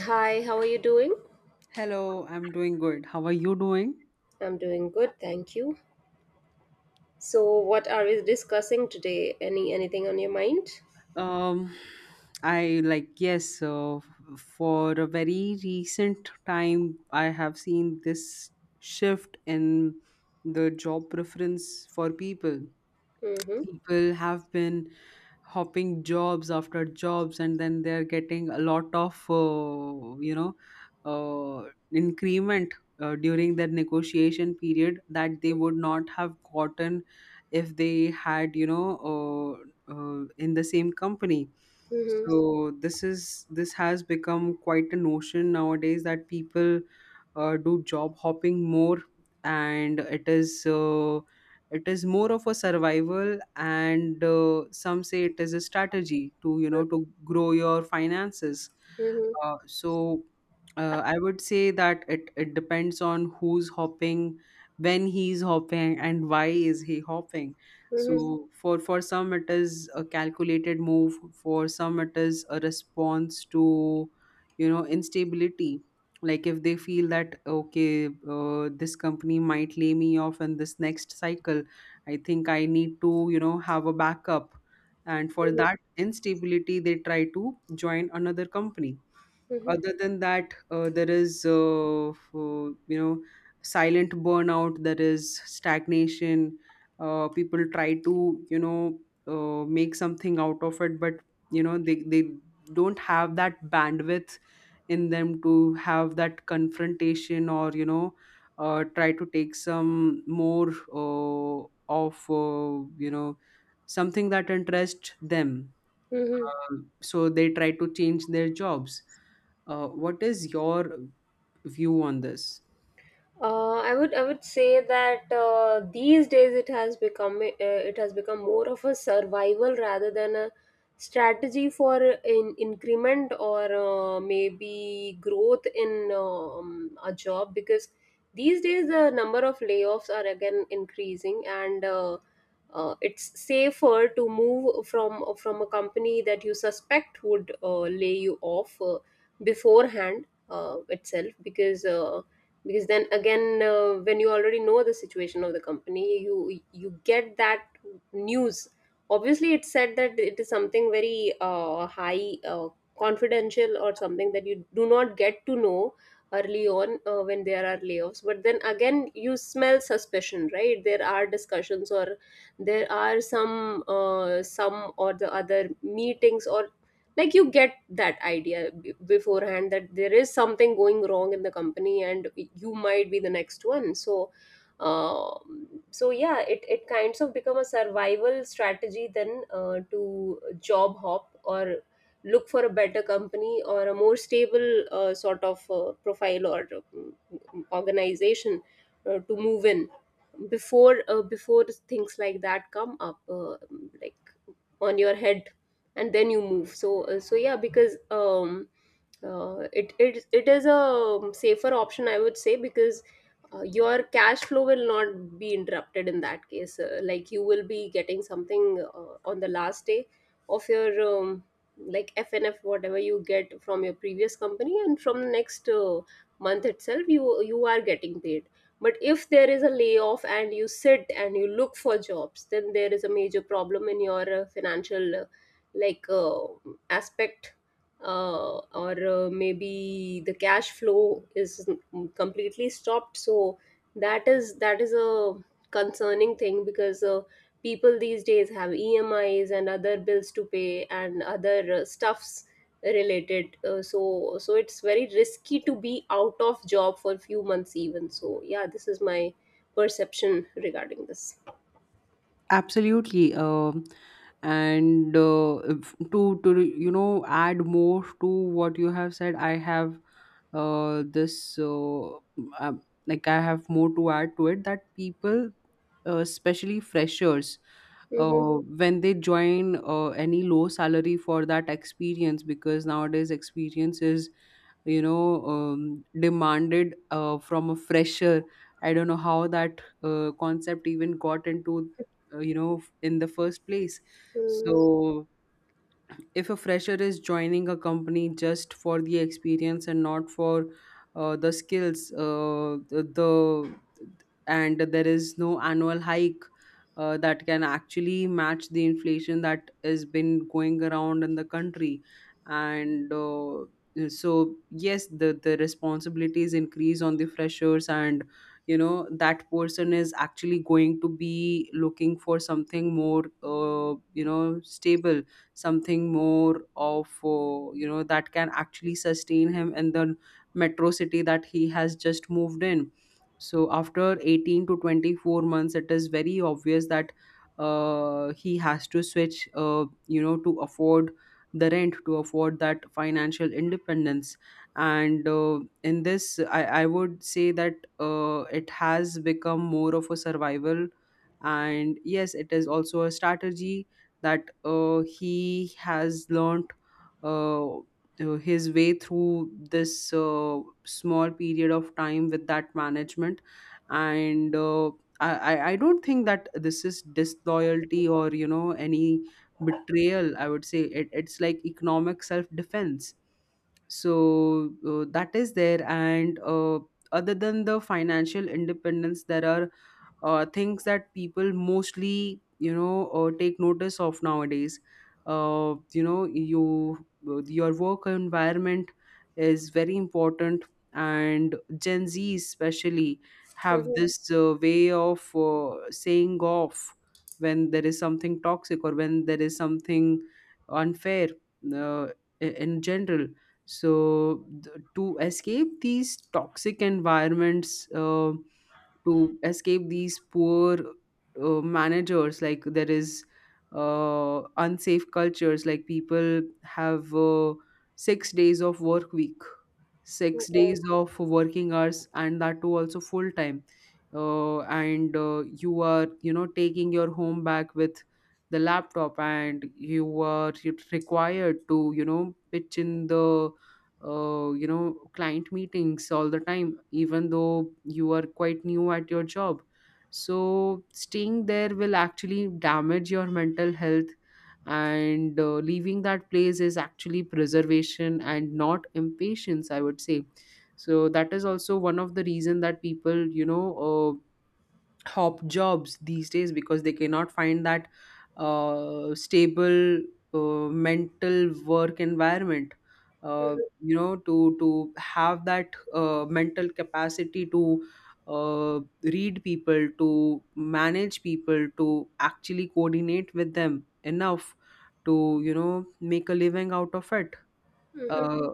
Hi, how are you doing? Hello, I'm doing good. How are you doing? I'm doing good, thank you. So, what are we discussing today? Anything on your mind? Um, I like, yes, for a very recent time, I have seen this shift in the job preference for people. Mm-hmm. People have been hopping jobs after jobs, and then they're getting a lot of uh, increment during their negotiation period that they would not have gotten if they had in the same company. Mm-hmm. So this has become quite a notion nowadays, that people do job hopping more, and it is more of a survival, and some say it is a strategy to to grow your finances. Mm-hmm. So, I would say that it depends on who's hopping, when he's hopping, and why is he hopping. Mm-hmm. So for some, it is a calculated move. For some, it is a response to instability, like if they feel that, okay, this company might lay me off in this next cycle, I think I need to have a backup, and for Mm-hmm. that instability they try to join another company. Mm-hmm. Other than that, there is silent burnout, there is stagnation. People try to make something out of it, but they don't have that bandwidth in them to have that confrontation, or try to take some more uh, of something that interests them. Mm-hmm. Um, so they try to change their jobs. What is your view on this? I would say that these days it has become more of a survival rather than a strategy for in increment, or maybe growth in a job, because these days the number of layoffs are again increasing, and it's safer to move from a company that you suspect would lay you off beforehand itself, because then again, when you already know the situation of the company, you get that news. Obviously it's said that it is something very high, confidential, or something that you do not get to know early on, when there are layoffs. But then again, you smell suspicion, right? There are discussions, or there are some or the other meetings, or like, you get that idea beforehand, that there is something going wrong in the company, and you might be the next one, so yeah, it kinds of become a survival strategy then, to job hop or look for a better company or a more stable, sort of, profile, or organization, to move in before things like that come up, like, on your head, and then you move. So yeah, because it is a safer option, I would say, because your cash flow will not be interrupted in that case, like, you will be getting something on the last day of your like, FNF, whatever you get from your previous company, and from the next month itself, you are getting paid. But if there is a layoff and you sit and you look for jobs, then there is a major problem in your financial, like uh, aspect, or maybe the cash flow is completely stopped. So that is a concerning thing, because people these days have EMIs and other bills to pay, and other stuffs related, so it's very risky to be out of job for few months even. So yeah, this is my perception regarding this. Absolutely. And to add more to what you have said, I have this um, like, I have more to add to it, that people, especially freshers, Mm-hmm. uh, when they join, any low salary for that experience, because nowadays experience is demanded from a fresher. I don't know how that concept even got into, in the first place. Mm-hmm. So, if a fresher is joining a company just for the experience and not for the skills, and there is no annual hike that can actually match the inflation that has been going around in the country. And uh, so yes, the responsibilities increase on the freshers, and that person is actually going to be looking for something more, stable, something more of, that can actually sustain him in the metro city that he has just moved in. So after 18 to 24 months, it is very obvious that he has to switch, to afford the rent, to afford that financial independence. And in this, I would say that it has become more of a survival, and yes, it is also a strategy that he has learnt his way through this small period of time with that management. And I don't think that this is disloyalty, or any betrayal. I would say it's like economic self-defense. So, that is there. And other than the financial independence, there are things that people mostly take notice of nowadays. Uh, you know you your work environment is very important, and Gen Z especially have this way of saying off when there is something toxic, or when there is something unfair, uh, in general. So, to escape these toxic environments, to escape these poor managers, like, there is unsafe cultures, like people have 6 days of work week, Mm-hmm. six Yeah. days of working hours, and that too also full time. And you are, taking your home back with the laptop, and you are required to pitch in the, client meetings all the time, even though you are quite new at your job. So staying there will actually damage your mental health. And leaving that place is actually preservation and not impatience, I would say. So that is also one of the reason that people, hop jobs these days, because they cannot find that stable mental work environment, uh, Mm-hmm. to have that mental capacity to read people, to manage people, to actually coordinate with them enough to make a living out of it. Mm-hmm. uh,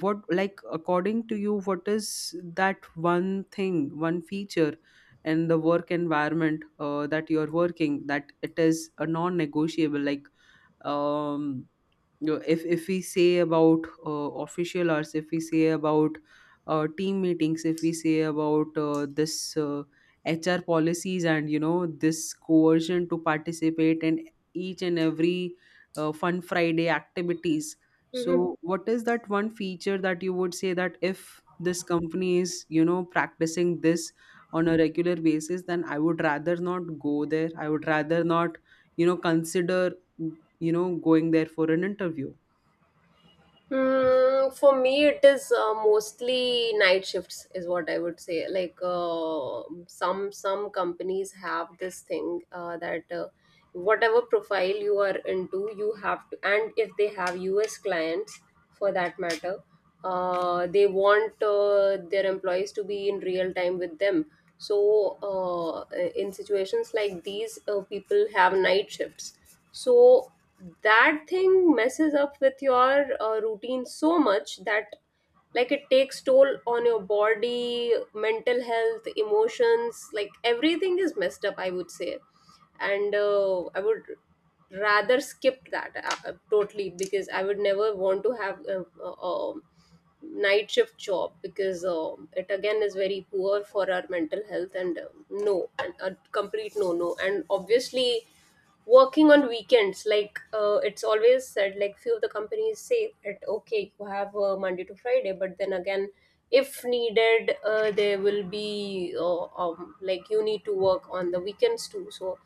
what, like, according to you, what is that one thing, one feature in the work environment that you're working, that it is a non-negotiable? Like, um if we say about official hours, if we say about team meetings, if we say about this HR policies, and this coercion to participate in each and every fun Friday activities. So, Mm-hmm. What is that one feature that you would say that if this company is practicing this on a regular basis, then I would rather not go there, I would rather not consider going there for an interview? For me, it is mostly night shifts, is what I would say. Like, some companies have this thing, that whatever profile you are into, you have to, and if they have US clients for that matter, they want their employees to be in real time with them. So in situations like these, people have night shifts. So that thing messes up with your routine so much that, like, it takes toll on your body, mental health, emotions, like everything is messed up, I would say. And I would rather skip that, totally, because I would never want to have a night shift job, because it again is very poor for our mental health, and no, and a complete no no. And obviously, working on weekends, like, it's always said, like few of the companies say that okay, you have Monday to Friday, but then again, if needed, there will be, like, you need to work on the weekends too. So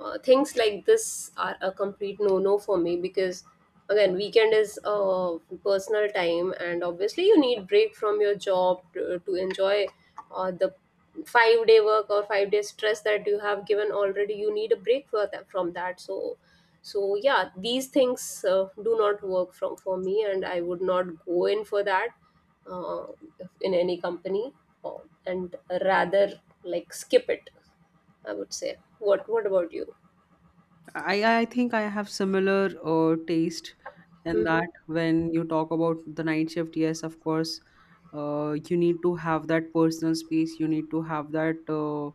things like this are a complete no no for me, because again, weekend is personal time, and obviously you need break from your job to enjoy the 5-day work or 5-day stress that you have given already. You need a break for that, from that. So yeah, these things do not work from for me, and I would not go in for that uh, in any company, uh, and rather like skip it, I would say. What about you? I i think I have similar taste, in that Mhm, when you talk about the night shift, yes, of course, you need to have that personal space, you need to have that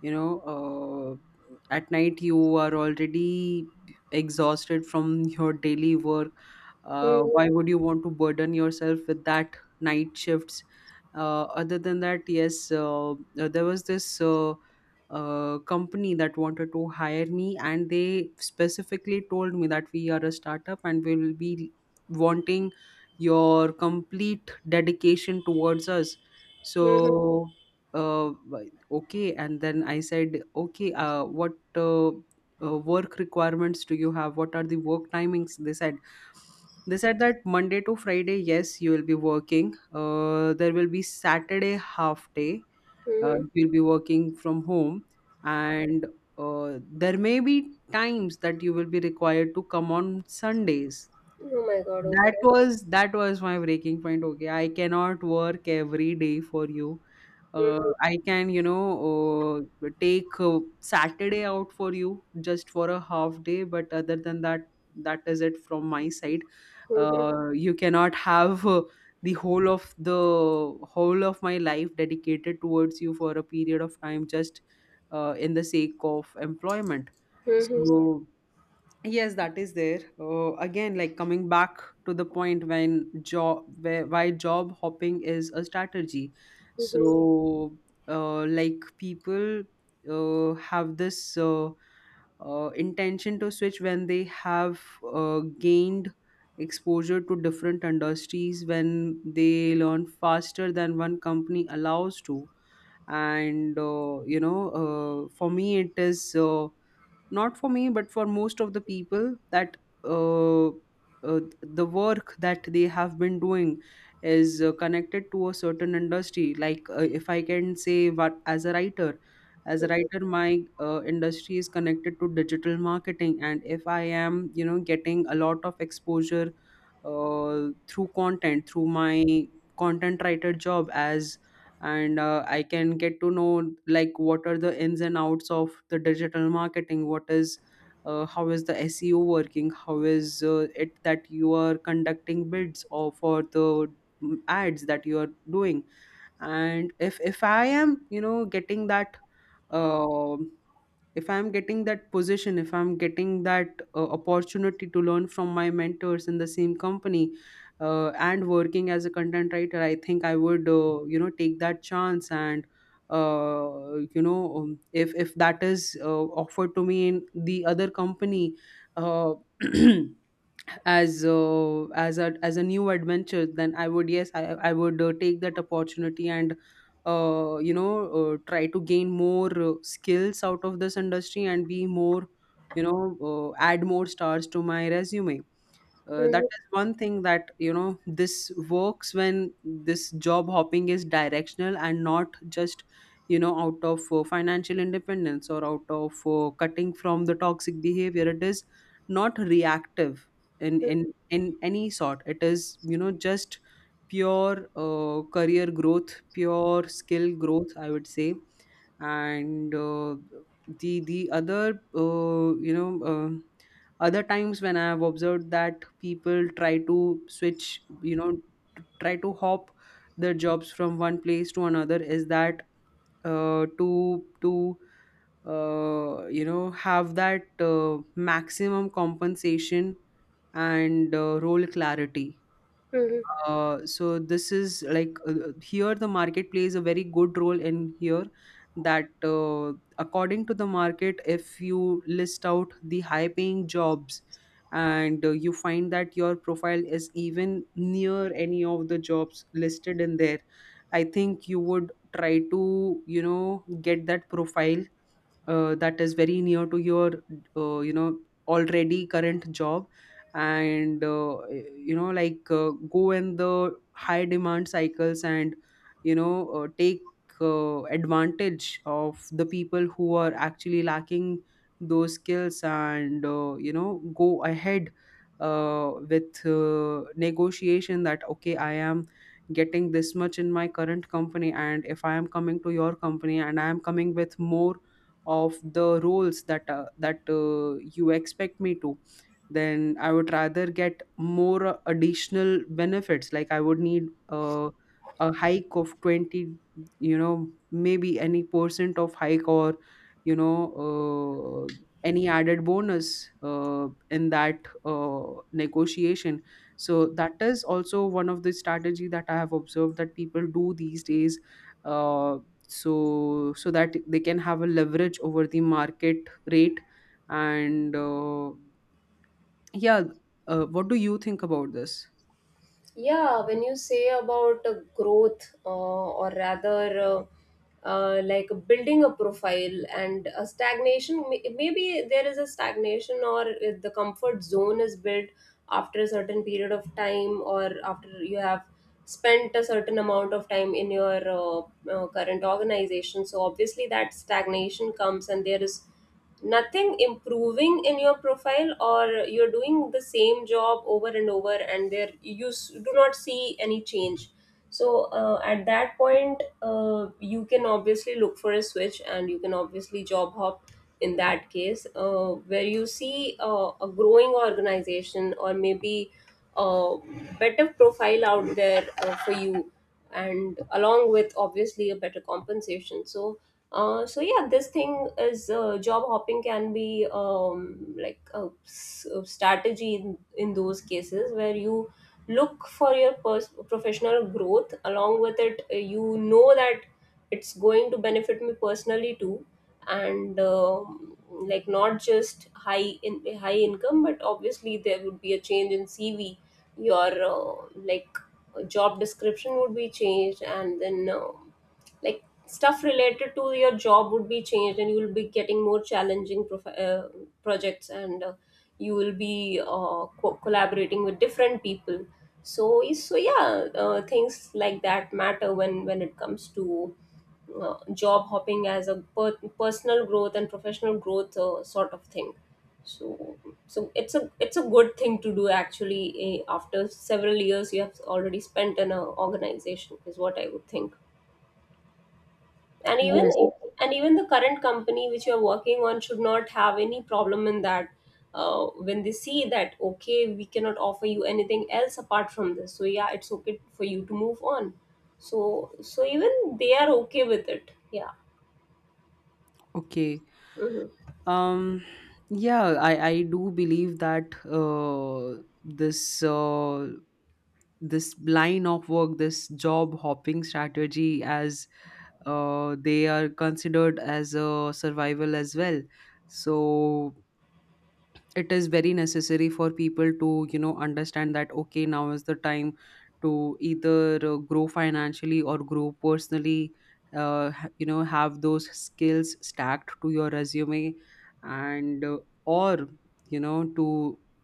you know uh, at night, you are already exhausted from your daily work. Mhm, Why would you want to burden yourself with that night shifts? Other than that, yes, there was this company that wanted to hire me, and they specifically told me that we are a startup and we will be wanting your complete dedication towards us. mhm, So, okay, and then I said, okay, what work requirements do you have, what are the work timings? They said that Monday to Friday, yes, you will be working, there will be Saturday half day, mhm. you'll be working from home, and there may be times that you will be required to come on Sundays. Oh my god, that okay. was that was my breaking point. Okay, I cannot work every day for you. Mhm, I can, take Saturday out for you just for a half day, but other than that, that is it from my side. mhm, You cannot have the whole of my life dedicated towards you for a period of time, just in the sake of employment. mhm, So, yes, that is there. Again, like, coming back to the point, when job where why job hopping is a strategy. mhm, So, like, people have this intention to switch when they have gained exposure to different industries, when they learn faster than one company allows to. And for me, it is. Not for me, but for most of the people, that uh, the work that they have been doing is connected to a certain industry. Like, if I can say, what, as a writer, my industry is connected to digital marketing, and if I am getting a lot of exposure through content, through my content writer job, as and I can get to know, like, what are the ins and outs of the digital marketing. What is How is the SEO working, how is it that you are conducting bids, or for the ads that you are doing. And if I am getting that, uh, if I'm getting that position, if I'm getting that opportunity to learn from my mentors in the same company, and working as a content writer, I think I would take that chance. And if that is offered to me in the other company, uh, as a new adventure, then I would yes I would take that opportunity, and try to gain more skills out of this industry, and be more, add more stars to my resume. That mhm, is one thing, that this works when this job hopping is directional, and not just out of financial independence, or out of cutting from the toxic behavior. It is not reactive in any sort. It is just pure career growth, pure skill growth, I would say. And the other you know other times when I have observed that people try to switch, try to hop their jobs from one place to another, is that, to have that maximum compensation and role clarity. mhm. So, this is like Here the market plays a very good role in here, that according to the market, if you list out the high paying jobs, and you find that your profile is even near any of the jobs listed in there, I think you would try to, you know, get that profile that is very near to your uh, you know already current job, and like, go in the high demand cycles, and take advantage of the people who are actually lacking those skills, and go ahead with negotiation that, okay, I am getting this much in my current company, and if I am coming to your company and I am coming with more of the roles that you expect me to, then I would rather get more additional benefits. Like, I would need a hike of 20, maybe any percent of hike, or you know, uh, any added bonus in that uh, negotiation. So that is also one of the strategy that I have observed that people do these days. Uh, so that they can have a leverage over the market rate, and yeah. What do you think about this? Yeah, when you say about growth, or rather, like building a profile and a stagnation, maybe there is a stagnation, or if the comfort zone is built after a certain period of time, or after you have spent a certain amount of time in your current organization. So obviously that stagnation comes, and there is nothing improving in your profile, or you're doing the same job over and over, and there you do not see any change. So at that point, you can obviously look for a switch, and you can obviously job hop in that case, where you see a growing organization, or maybe a better profile out there for you, and along with obviously a better compensation. So yeah, this thing is, job hopping can be, like, a strategy in those cases where you look for your professional growth. Along with it, you know that it's going to benefit me personally too, and like, not just high income, but obviously there would be a change in CV. Your like, job description would be changed, and then. Like, stuff related to your job would be changed, and you will be getting more challenging projects, and you will be collaborating with different people. So yeah, things like that matter when it comes to job hopping as a personal growth and professional growth, sort of thing. So so it's a it's a good thing to do actually, eh, after several years you have already spent in an organization, is what I would think. and even Yes. and even the current company which you're working on should not have any problem in that, when they see that okay, we cannot offer you anything else apart from this, so yeah, it's okay for you to move on. So even they are okay with it, yeah. Okay. Mhm. um yeah, I do believe that this this line of work, this job hopping strategy, as they are considered as a survival as well. So it is very necessary for people to, you know, understand that, okay, now is the time to either grow financially or grow personally, you know, have those skills stacked to your resume, and or, you know, to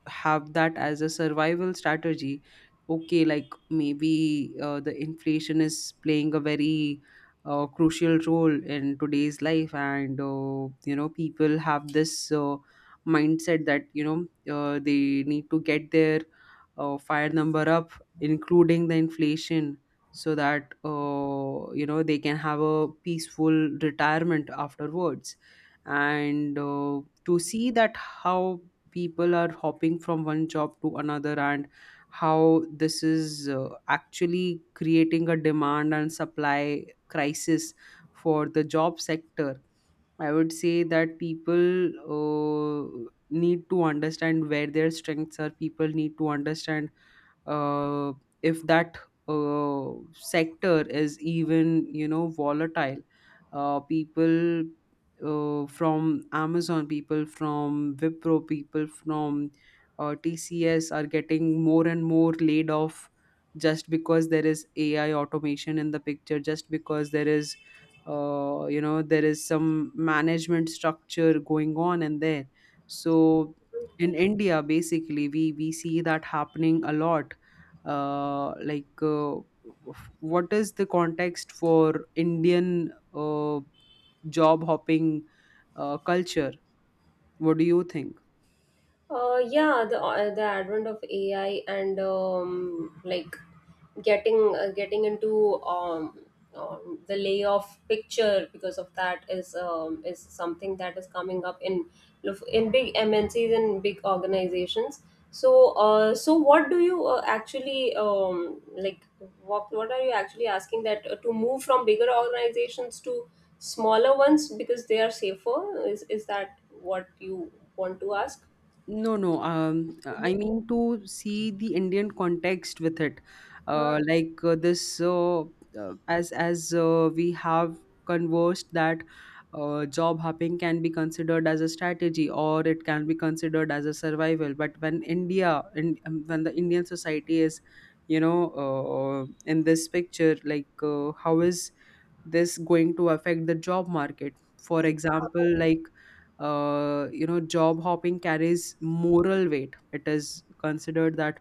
have that as a survival strategy. Okay, like, maybe the inflation is playing a very crucial role in today's life, and you know, people have this mindset that, you know, they need to get their fire number up, including the inflation, so that you know, they can have a peaceful retirement afterwards. And to see that how people are hopping from one job to another, and how this is actually creating a demand and supply crisis for the job sector, I would say that people need to understand where their strengths are. People need to understand uh, if that sector is even, you know, volatile. People from Amazon, people from Wipro, people from TCS are getting more and more laid off, just because there is AI automation in the picture, just because there is you know, there is some management structure going on in there. So in India, basically, we see that happening a lot. uh, like uh, what is the context for Indian job hopping culture? What do you think? Yeah, the advent of AI, and like, getting into the layoff picture because of that is something that is coming up in big MNCs and big organizations. So what do you actually like? What are you actually asking, that to move from bigger organizations to smaller ones because they are safer? Is that what you want to ask? No, no. I mean, to see the Indian context with it. Mm. Like, this, as we have conversed, that job hopping can be considered as a strategy or it can be considered as a survival. But when India— and when the Indian society is, you know, in this picture, like, how is this going to affect the job market, for example? Like, you know, job hopping carries moral weight. It is considered that,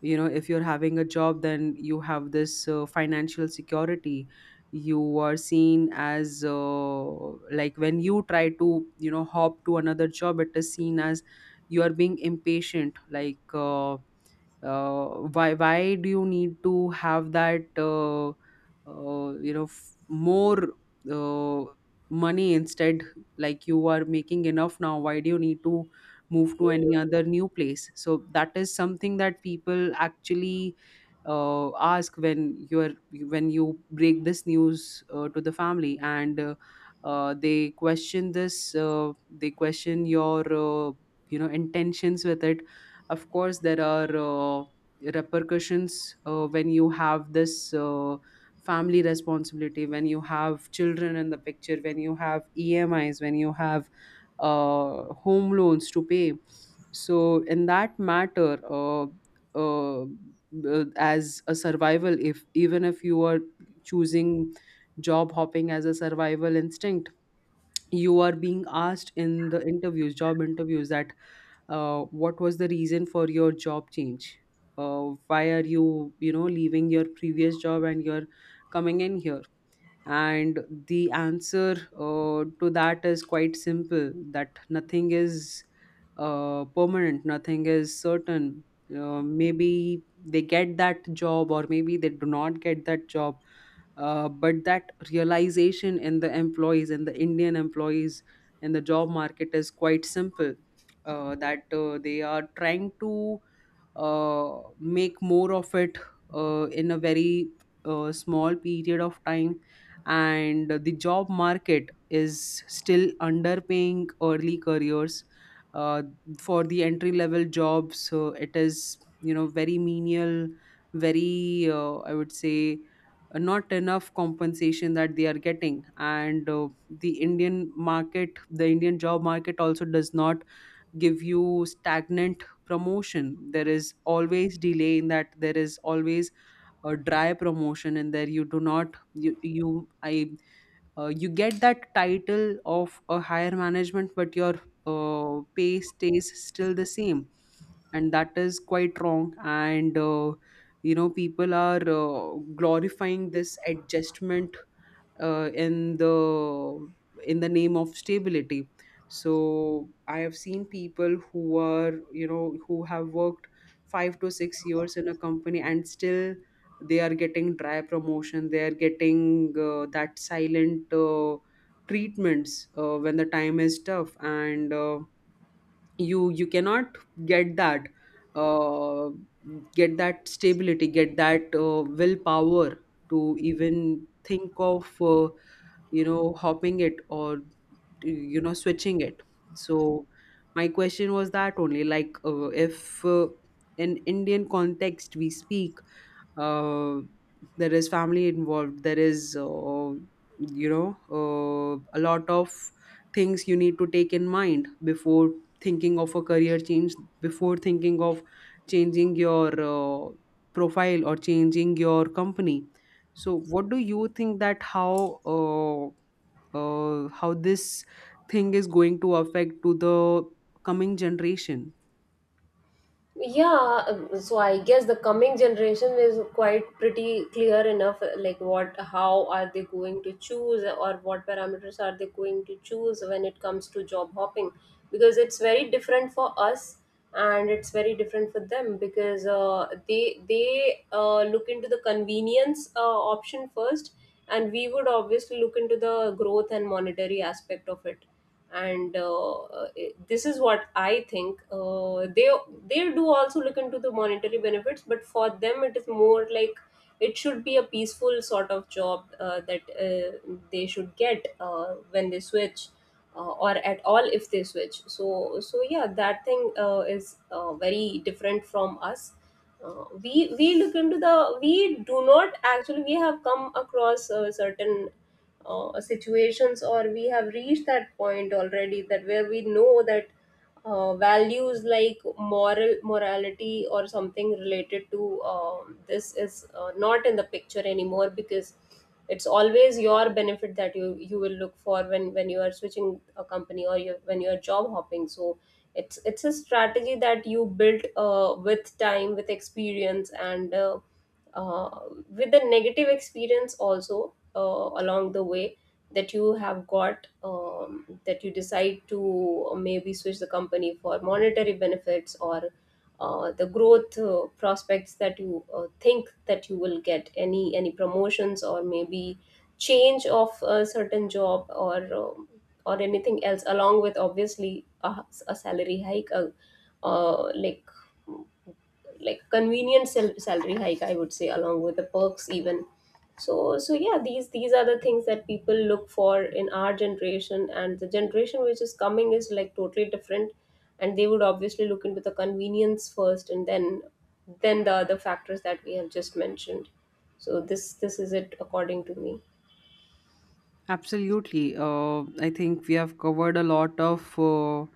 you know, if you're having a job, then you have this financial security. You are seen as like, when you try to, you know, hop to another job, it is seen as you are being impatient. Like, uh, why do you need to have that more uh, money instead? Like, you are making enough now, why do you need to move to any other new place? So that is something that people actually ask when you're— when you break this news to the family. And they question this, they question your you know, intentions with it. Of course, there are repercussions when you have this family responsibility, when you have children in the picture, when you have EMIs, when you have home loans to pay. So in that matter, uh, as a survival, if— even if you are choosing job hopping as a survival instinct, you are being asked in the interviews, job interviews, that what was the reason for your job change? uh, why are you, you know, leaving your previous job and you're coming in here? And the answer to that is quite simple, that nothing is permanent, nothing is certain. Maybe they get that job, or maybe they do not get that job. But that realization in the employees, in the Indian employees, in the job market is quite simple, that they are trying to make more of it in a very small period of time. And the job market is still underpaying early careers uh, for the entry level jobs. So it is, you know, very menial, very— I would say, not enough compensation that they are getting. And the Indian market, the Indian job market also does not give you stagnant promotion. There is always delay in that, there is always a dry promotion, and there you do not— you get that title of a higher management, but your pay stays still the same. And that is quite wrong. And you know, people are glorifying this adjustment uh, in the in the name of stability. So I have seen people who are, you know, who have worked 5 to 6 years in a company, and still they are getting dry promotion, they are getting that silent treatments when the time is tough, and you cannot get that— uh, get that stability, get that willpower to even think of uh, you know, hopping it, or, you know, switching it. So my question was that only, like, if in Indian context we speak, uh, there is family involved, there is you know, a lot of things you need to take in mind before thinking of a career change, before thinking of changing your profile or changing your company. So what do you think, that uh, how this thing is going to affect to the coming generation? Yeah, so I guess the coming generation is quite pretty clear enough, like what, how are they going to choose, or what parameters are they going to choose when it comes to job hopping, because it's very different for us and it's very different for them, because they look into the convenience option first, and we would obviously look into the growth and monetary aspect of it. And uh, this is what I think, they do also look into the monetary benefits, but for them it is more like, it should be a peaceful sort of job, that they should get when they switch, or at all if they switch. So yeah, that thing is very different from us. We look into the, we do not actually, we have come across certain situations, or we have reached that point already, that where we know that values like morality, or something related to this is not in the picture anymore, because it's always your benefit that you will look for when you are switching a company, or you, when you are job hopping. So it's a strategy that you built with time, with experience, and uh, with the negative experience also, along the way, that you have got, that you decide to maybe switch the company for monetary benefits, or the growth prospects, that you think that you will get any promotions, or maybe change of a certain job, or anything else, along with obviously a salary hike, uh, like like convenient salary hike, I would say, along with the perks even. So yeah, these are the things that people look for in our generation, and the generation which is coming is like totally different, and they would obviously look into the convenience first, and then the other factors that we have just mentioned. So this is it, according to me. Absolutely. I think we have covered a lot of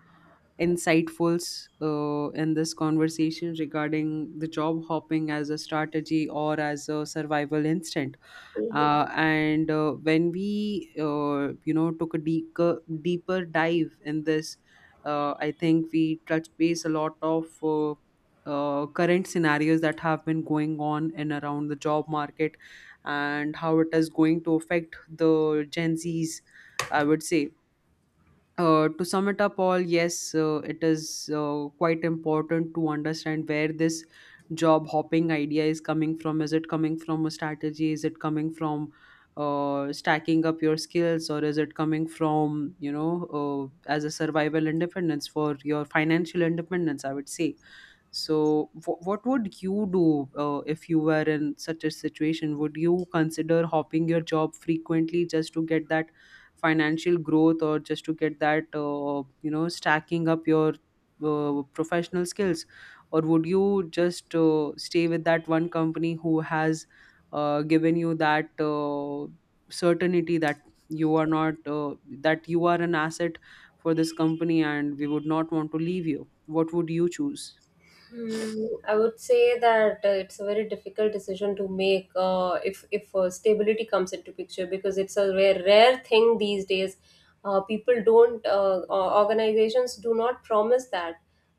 insightfuls in this conversation regarding the job hopping as a strategy or as a survival instinct. Mhm. And when we you know, took a deeper dive in this, I think we touched base a lot of current scenarios that have been going on and around the job market, and how it is going to affect the Gen Z's, I would say. To sum it up all, yes, it is quite important to understand where this job hopping idea is coming from. Is it coming from a strategy? Is it coming from stacking up your skills, or is it coming from, you know, as a survival independence for your financial independence? I would say. So, what would you do if you were in such a situation? Would you consider hopping your job frequently just to get that financial growth, or just to get that you know, stacking up your professional skills, or would you just stay with that one company who has given you that certainty, that you are not that you are an asset for this company, and we would not want to leave you? What would you choose? Hmm, I would say that it's a very difficult decision to make, if stability comes into picture, because it's a rare, rare thing these days. People don't Organizations do not promise that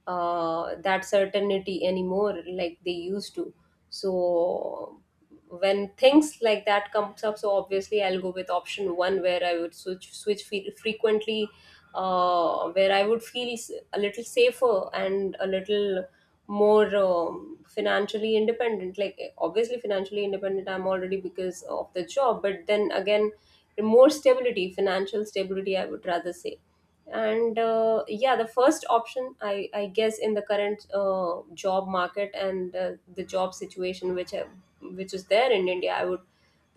uh, that certainty anymore, like they used to. So when things like that comes up, so obviously I'll go with option one, where I would switch frequently, where I would feel a little safer, and a little more financially independent. Like, obviously financially independent I'm already because of the job, but then again, more stability, financial stability, I would rather say. And yeah, the first option, I guess, in the current job market, and the job situation, which is there in India, I would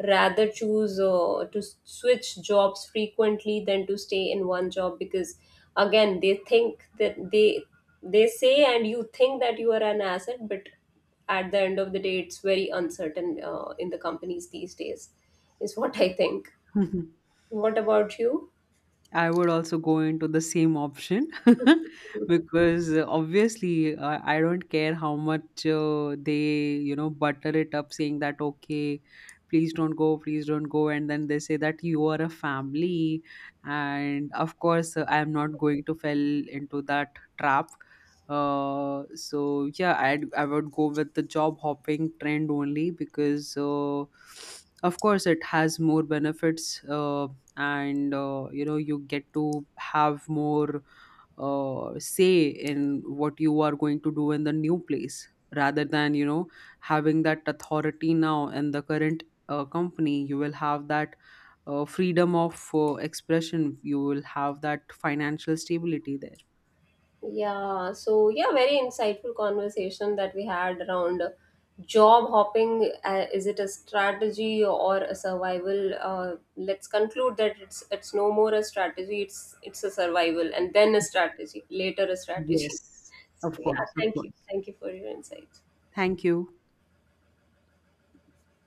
rather choose to switch jobs frequently than to stay in one job, because again they think that, they say, and you think that you are an asset, but at the end of the day, it's very uncertain in the companies these days, is what I think. Mhm. What about you? I would also go into the same option. Because obviously I don't care how much they, you know, butter it up saying that, okay, please don't go, please don't go. And then they say that you are a family. And of course, I am not going to fall into that trap. So yeah, I would go with the job hopping trend only because, of course, it has more benefits, and you know, you get to have more say in what you are going to do in the new place, rather than, you know, having that authority. Now, in the current company, you will have that freedom of expression, you will have that financial stability there. Yeah, so yeah, very insightful conversation that we had around job hopping. Is it a strategy or a survival? Let's conclude that it's no more a strategy. It's a survival, and then a strategy, later a strategy. Yes. So Of yeah, course, of course, thank you for your insights. thank you.